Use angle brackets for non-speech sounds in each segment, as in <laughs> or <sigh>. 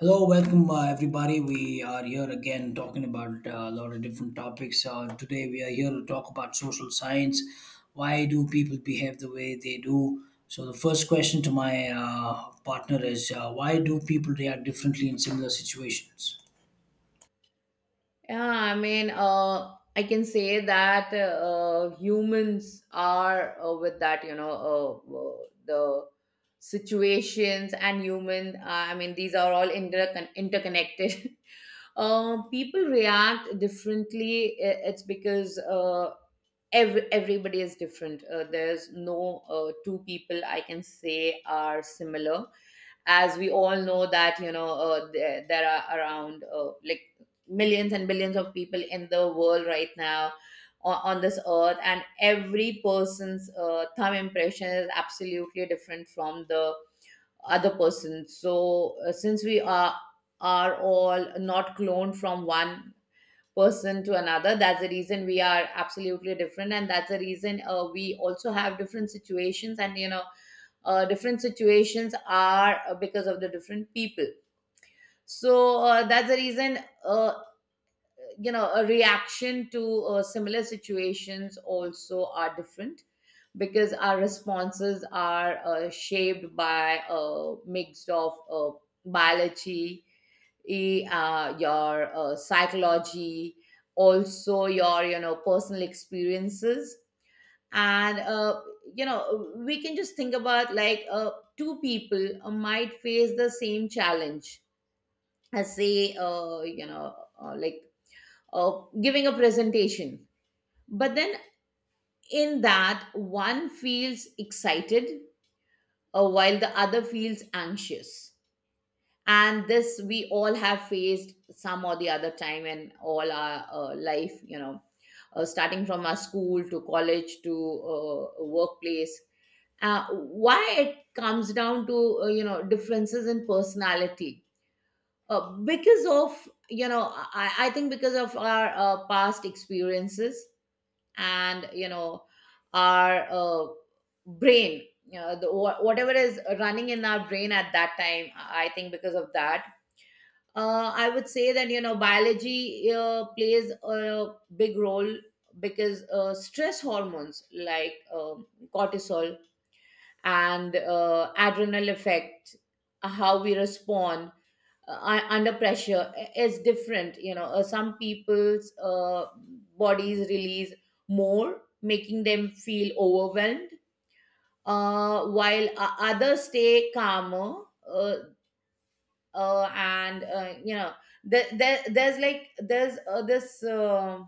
Hello, welcome, everybody. We are here again talking about a lot of different topics. Today we are here to talk about social science. Why do people behave the way they do? So the first question to my partner is, why do people react differently in similar situations? Yeah, I mean, I can say that humans are with that, you know, the situations and human. I mean, these are all interconnected. <laughs> People react differently. It's because everybody is different. There's no two people I can say are similar, as we all know, that there are around like millions and billions of people in the world right now, on this earth, and every person's thumb impression is absolutely different from the other person. So since we are all not cloned from one person to another, that's the reason we are absolutely different, and that's the reason we also have different situations, and different situations are because of the different people. So that's the reason uh, you know, a reaction to similar situations also are different, because our responses are shaped by a mix of biology, your psychology, also your, you know, personal experiences, and you know, we can just think about, like, two people might face the same challenge, as say, uh, like giving a presentation, but then in that, one feels excited while the other feels anxious. And this we all have faced some or the other time in all our life, you know, starting from our school to college to workplace. Why it comes down to, you know, differences in personality, because of, you know, I think, because of our past experiences and, you know, our brain, you know, whatever is running in our brain at that time, I think because of that, I would say that, you know, biology plays a big role, because stress hormones like cortisol and adrenal effect how we respond under pressure is different. You know, some people's bodies release more, making them feel overwhelmed, while others stay calmer. And You know, there, there's like there's this.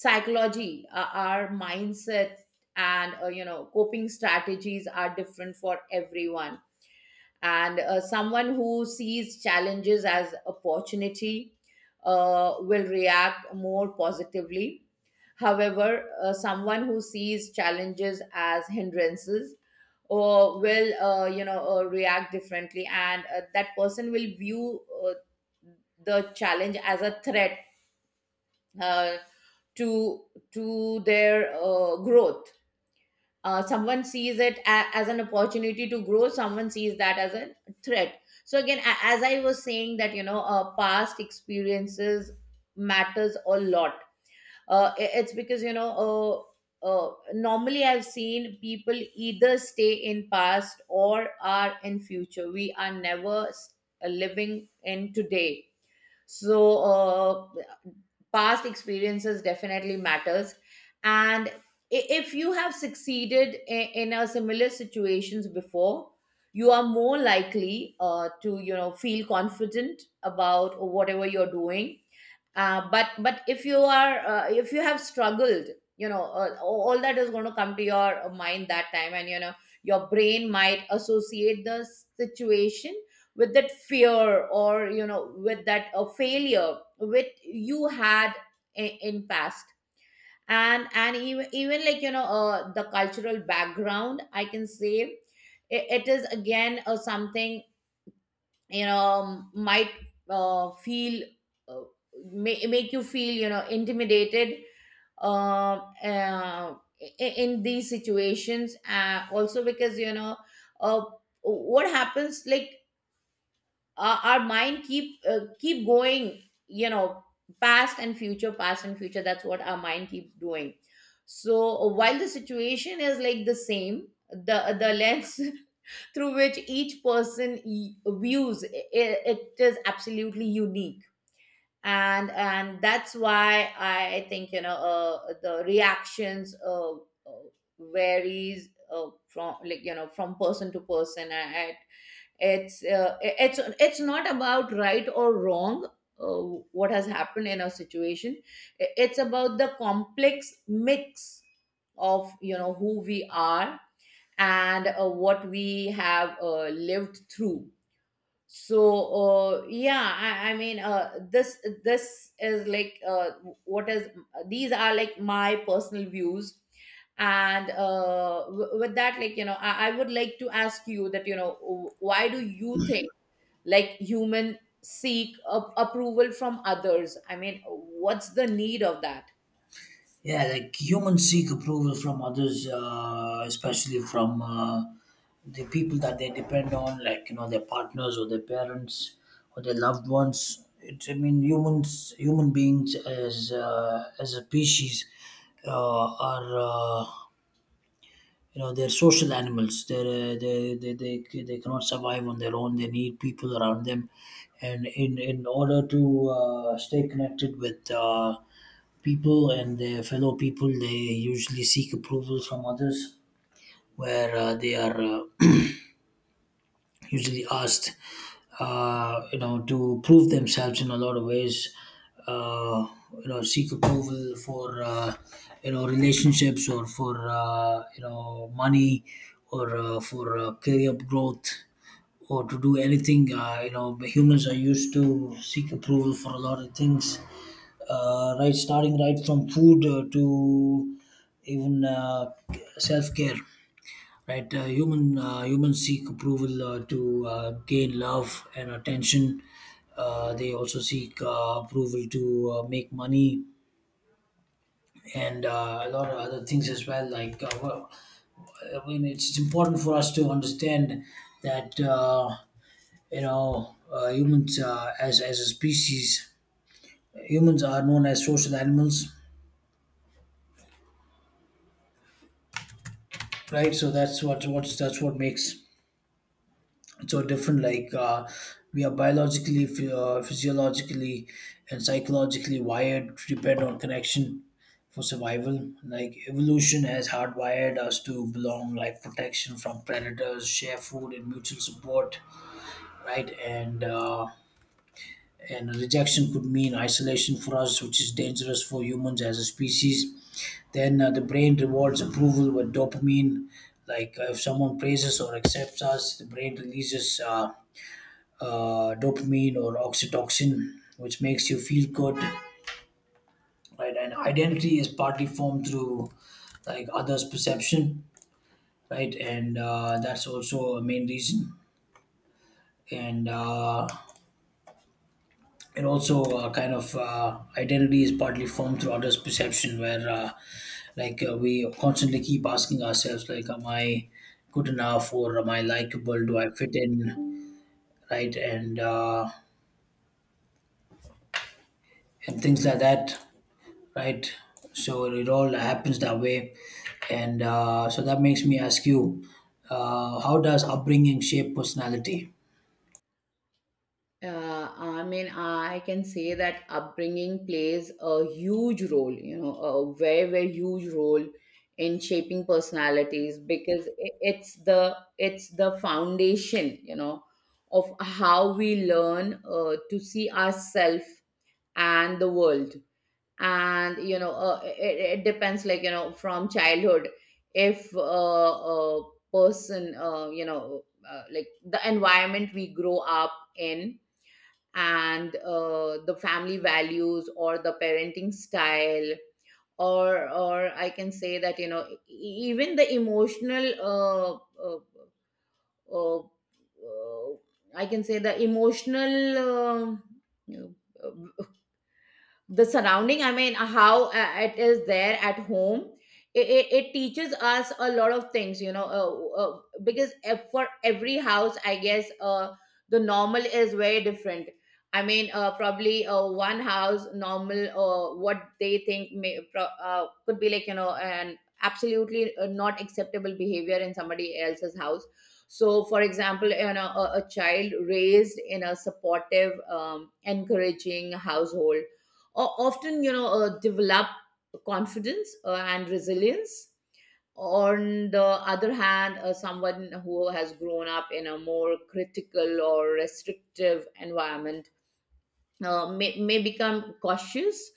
psychology, our mindset, and you know, coping strategies are different for everyone. And someone who sees challenges as opportunity will react more positively. However, someone who sees challenges as hindrances or will, you know, react differently, and that person will view the challenge as a threat uh, to to their growth. Someone sees it as an opportunity to grow, someone sees that as a threat. So again, as I was saying that, you know, past experiences matters a lot. It's because, you know, normally I've seen people either stay in past or are in future, we are never living in today. So past experiences definitely matters. And if you have succeeded in a similar situations before, you are more likely to, you know, feel confident about whatever you're doing. But if you are, if you have struggled, you know, all that is going to come to your mind that time, and you know, your brain might associate the situation with that fear, or you know, with that failure which you had in past. And even like, you know, the cultural background, I can say, it is again something, you know, might uh, feel uh, make you feel, you know, intimidated um uh, in these situations, also because, you know, uh, what happens, like our mind keep going, you know, past and future, past and future, that's what our mind keeps doing. So while the situation is like the same, the lens <laughs> through which each person views it is absolutely unique. And that's why I think, you know, the reactions varies from, like, you know, from person to person. And it's it's not about right or wrong, what has happened in a situation. It's about the complex mix of, you know, who we are, and what we have lived through. So yeah, I mean, this is like, what is these are like my personal views. And with that, like, you know, I would like to ask you that, you know, why do you think like human seek approval from others? I mean, what's the need of that? Yeah, like humans seek approval from others, especially from the people that they depend on, like you know their partners or their parents or their loved ones. I mean, humans, human beings as as a species, are. You know, they're social animals. They're, they cannot survive on their own. They need people around them. And in order to stay connected with people and their fellow people, they usually seek approval from others where they are. <clears throat> Usually asked you know to prove themselves in a lot of ways, uh, you know, seek approval for, you know, relationships, or for you know money, or for career growth, or to do anything. You know, humans are used to seek approval for a lot of things, right, starting right from food to even self-care, right? Humans seek approval to gain love and attention. They also seek approval to make money and a lot of other things as well. I mean, it's important for us to understand that you know, humans, as a species, humans are known as social animals, right? So that's what what's that's what makes so different. We are biologically, physiologically and psychologically wired to depend on connection for survival. Like evolution has hardwired us to belong, like protection from predators, share food and mutual support, right? And rejection could mean isolation for us, which is dangerous for humans as a species. Then the brain rewards approval with dopamine. If someone praises or accepts us, the brain releases, dopamine or oxytocin, which makes you feel good, right? And identity is partly formed through like others' perception, right? And That's also a main reason. And it also kind of identity is partly formed through others' perception, where we constantly keep asking ourselves, like, am I good enough, or am I likable? Do I fit in, right? And things like that, right? So it all happens that way, and so that makes me ask you, how does upbringing shape personality? I mean, I can say that upbringing plays a huge role, you know, a very, very huge role in shaping personalities, because it's the foundation, you know, of how we learn to see ourselves and the world. And you know, it depends, like, you know, from childhood, if a person, like the environment we grow up in, and the family values, or the parenting style, or I can say that, you know, even the emotional uh, uh, I can say the emotional you know, the surrounding, I mean, how it is there at home. It teaches us a lot of things, you know, because for every house, I guess, the normal is very different. I mean, probably one house normal, what they think, could be, like, you know, an absolutely not acceptable behavior in somebody else's house. So for example, you know, a child raised in a supportive, encouraging household often, you know, develop confidence and resilience. On the other hand, someone who has grown up in a more critical or restrictive environment may become cautious,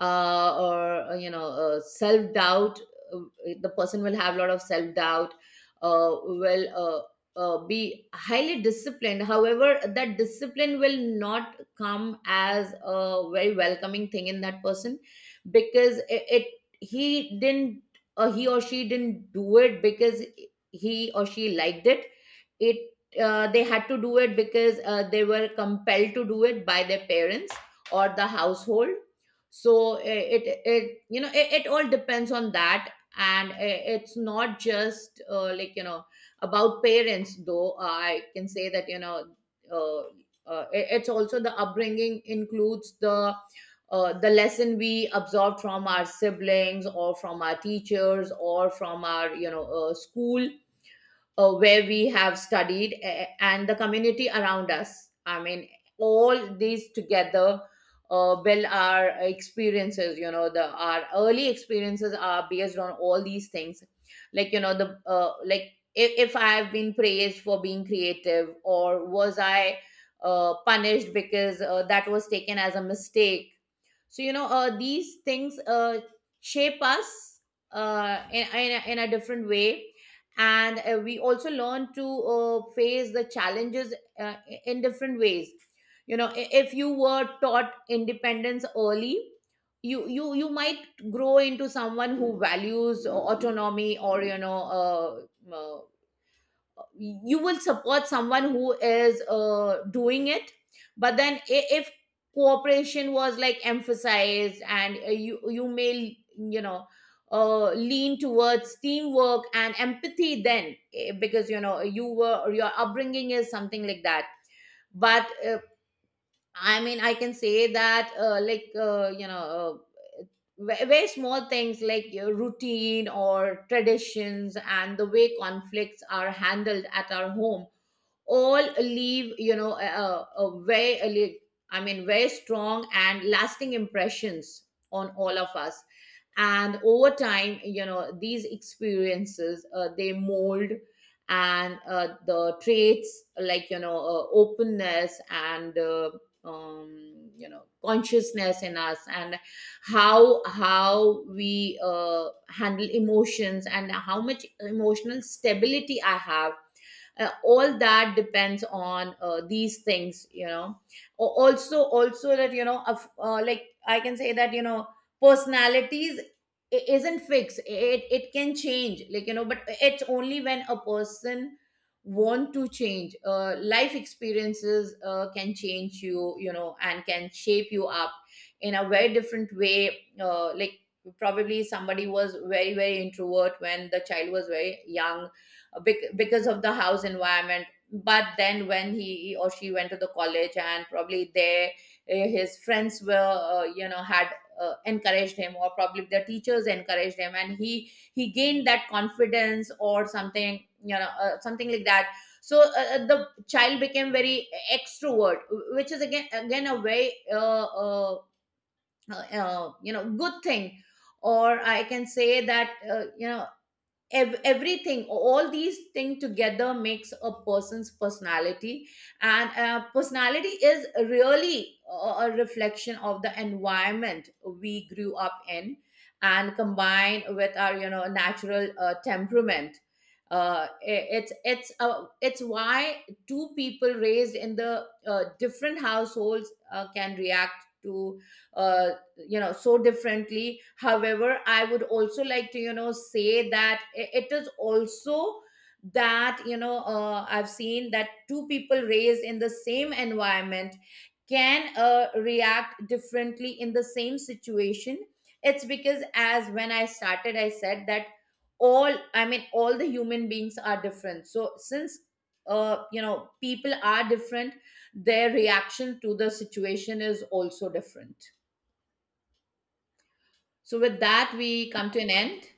or you know, self doubt. uh, the person will have a lot of self doubt, will be highly disciplined. However, that discipline will not come as a very welcoming thing in that person, because it, he didn't, he or she didn't do it because he or she liked it. it they had to do it because they were compelled to do it by their parents or the household. So it it you know, it all depends on that. And it's not just, like, you know, about parents, though, I can say that, you know, uh, it's also, the upbringing includes the lesson we absorb from our siblings, or from our teachers, or from our, you know, school where we have studied, and the community around us. I mean, all these together build our experiences. You know, the our early experiences are based on all these things. Like, you know, the like, if I have been praised for being creative, or was I punished because that was taken as a mistake. So you know, these things shape us in, in a different way. And we also learn to face the challenges uh, in different ways, you know. If you were taught independence early, you might grow into someone who values autonomy, or you know, uh, uh, you will support someone who is doing it. But then i- if cooperation was like emphasized, and you, you may, you know, lean towards teamwork and empathy, then because, you know, you were, your upbringing is something like that. But I mean, I can say that, very small things like your routine or traditions and the way conflicts are handled at our home all leave, you know, a very a li- I mean, very strong and lasting impressions on all of us. And over time, you know, these experiences, they mold, and the traits, like, you know, openness, and you know, consciousness in us, and how we handle emotions, and how much emotional stability I have, all that depends on these things, you know. Also that, you know, of, like I can say that, you know, personalities isn't fixed. It can change, like, you know, but it's only when a person want to change. Life experiences can change you, you know, and can shape you up in a very different way. Like, probably somebody was very, very introvert when the child was very young, because of the house environment. But then when he or she went to the college, and probably they, his friends were, you know, had encouraged him, or probably the teachers encouraged him, and he gained that confidence or something, you know, something like that. So the child became very extrovert, which is again a very you know, good thing. Or I can say that, you know, everything, all these things together makes a person's personality. And personality is really a reflection of the environment we grew up in, and combined with our, you know, natural temperament. It's why two people raised in the different households can react to uh, you know, so differently. However, I would also like to, you know, say that it is also that, you know, I've seen that two people raised in the same environment can react differently in the same situation. It's because, as when I started, I said that all, I mean, all the human beings are different. So since you know, people are different, their reaction to the situation is also different. So, with that, we come to an end.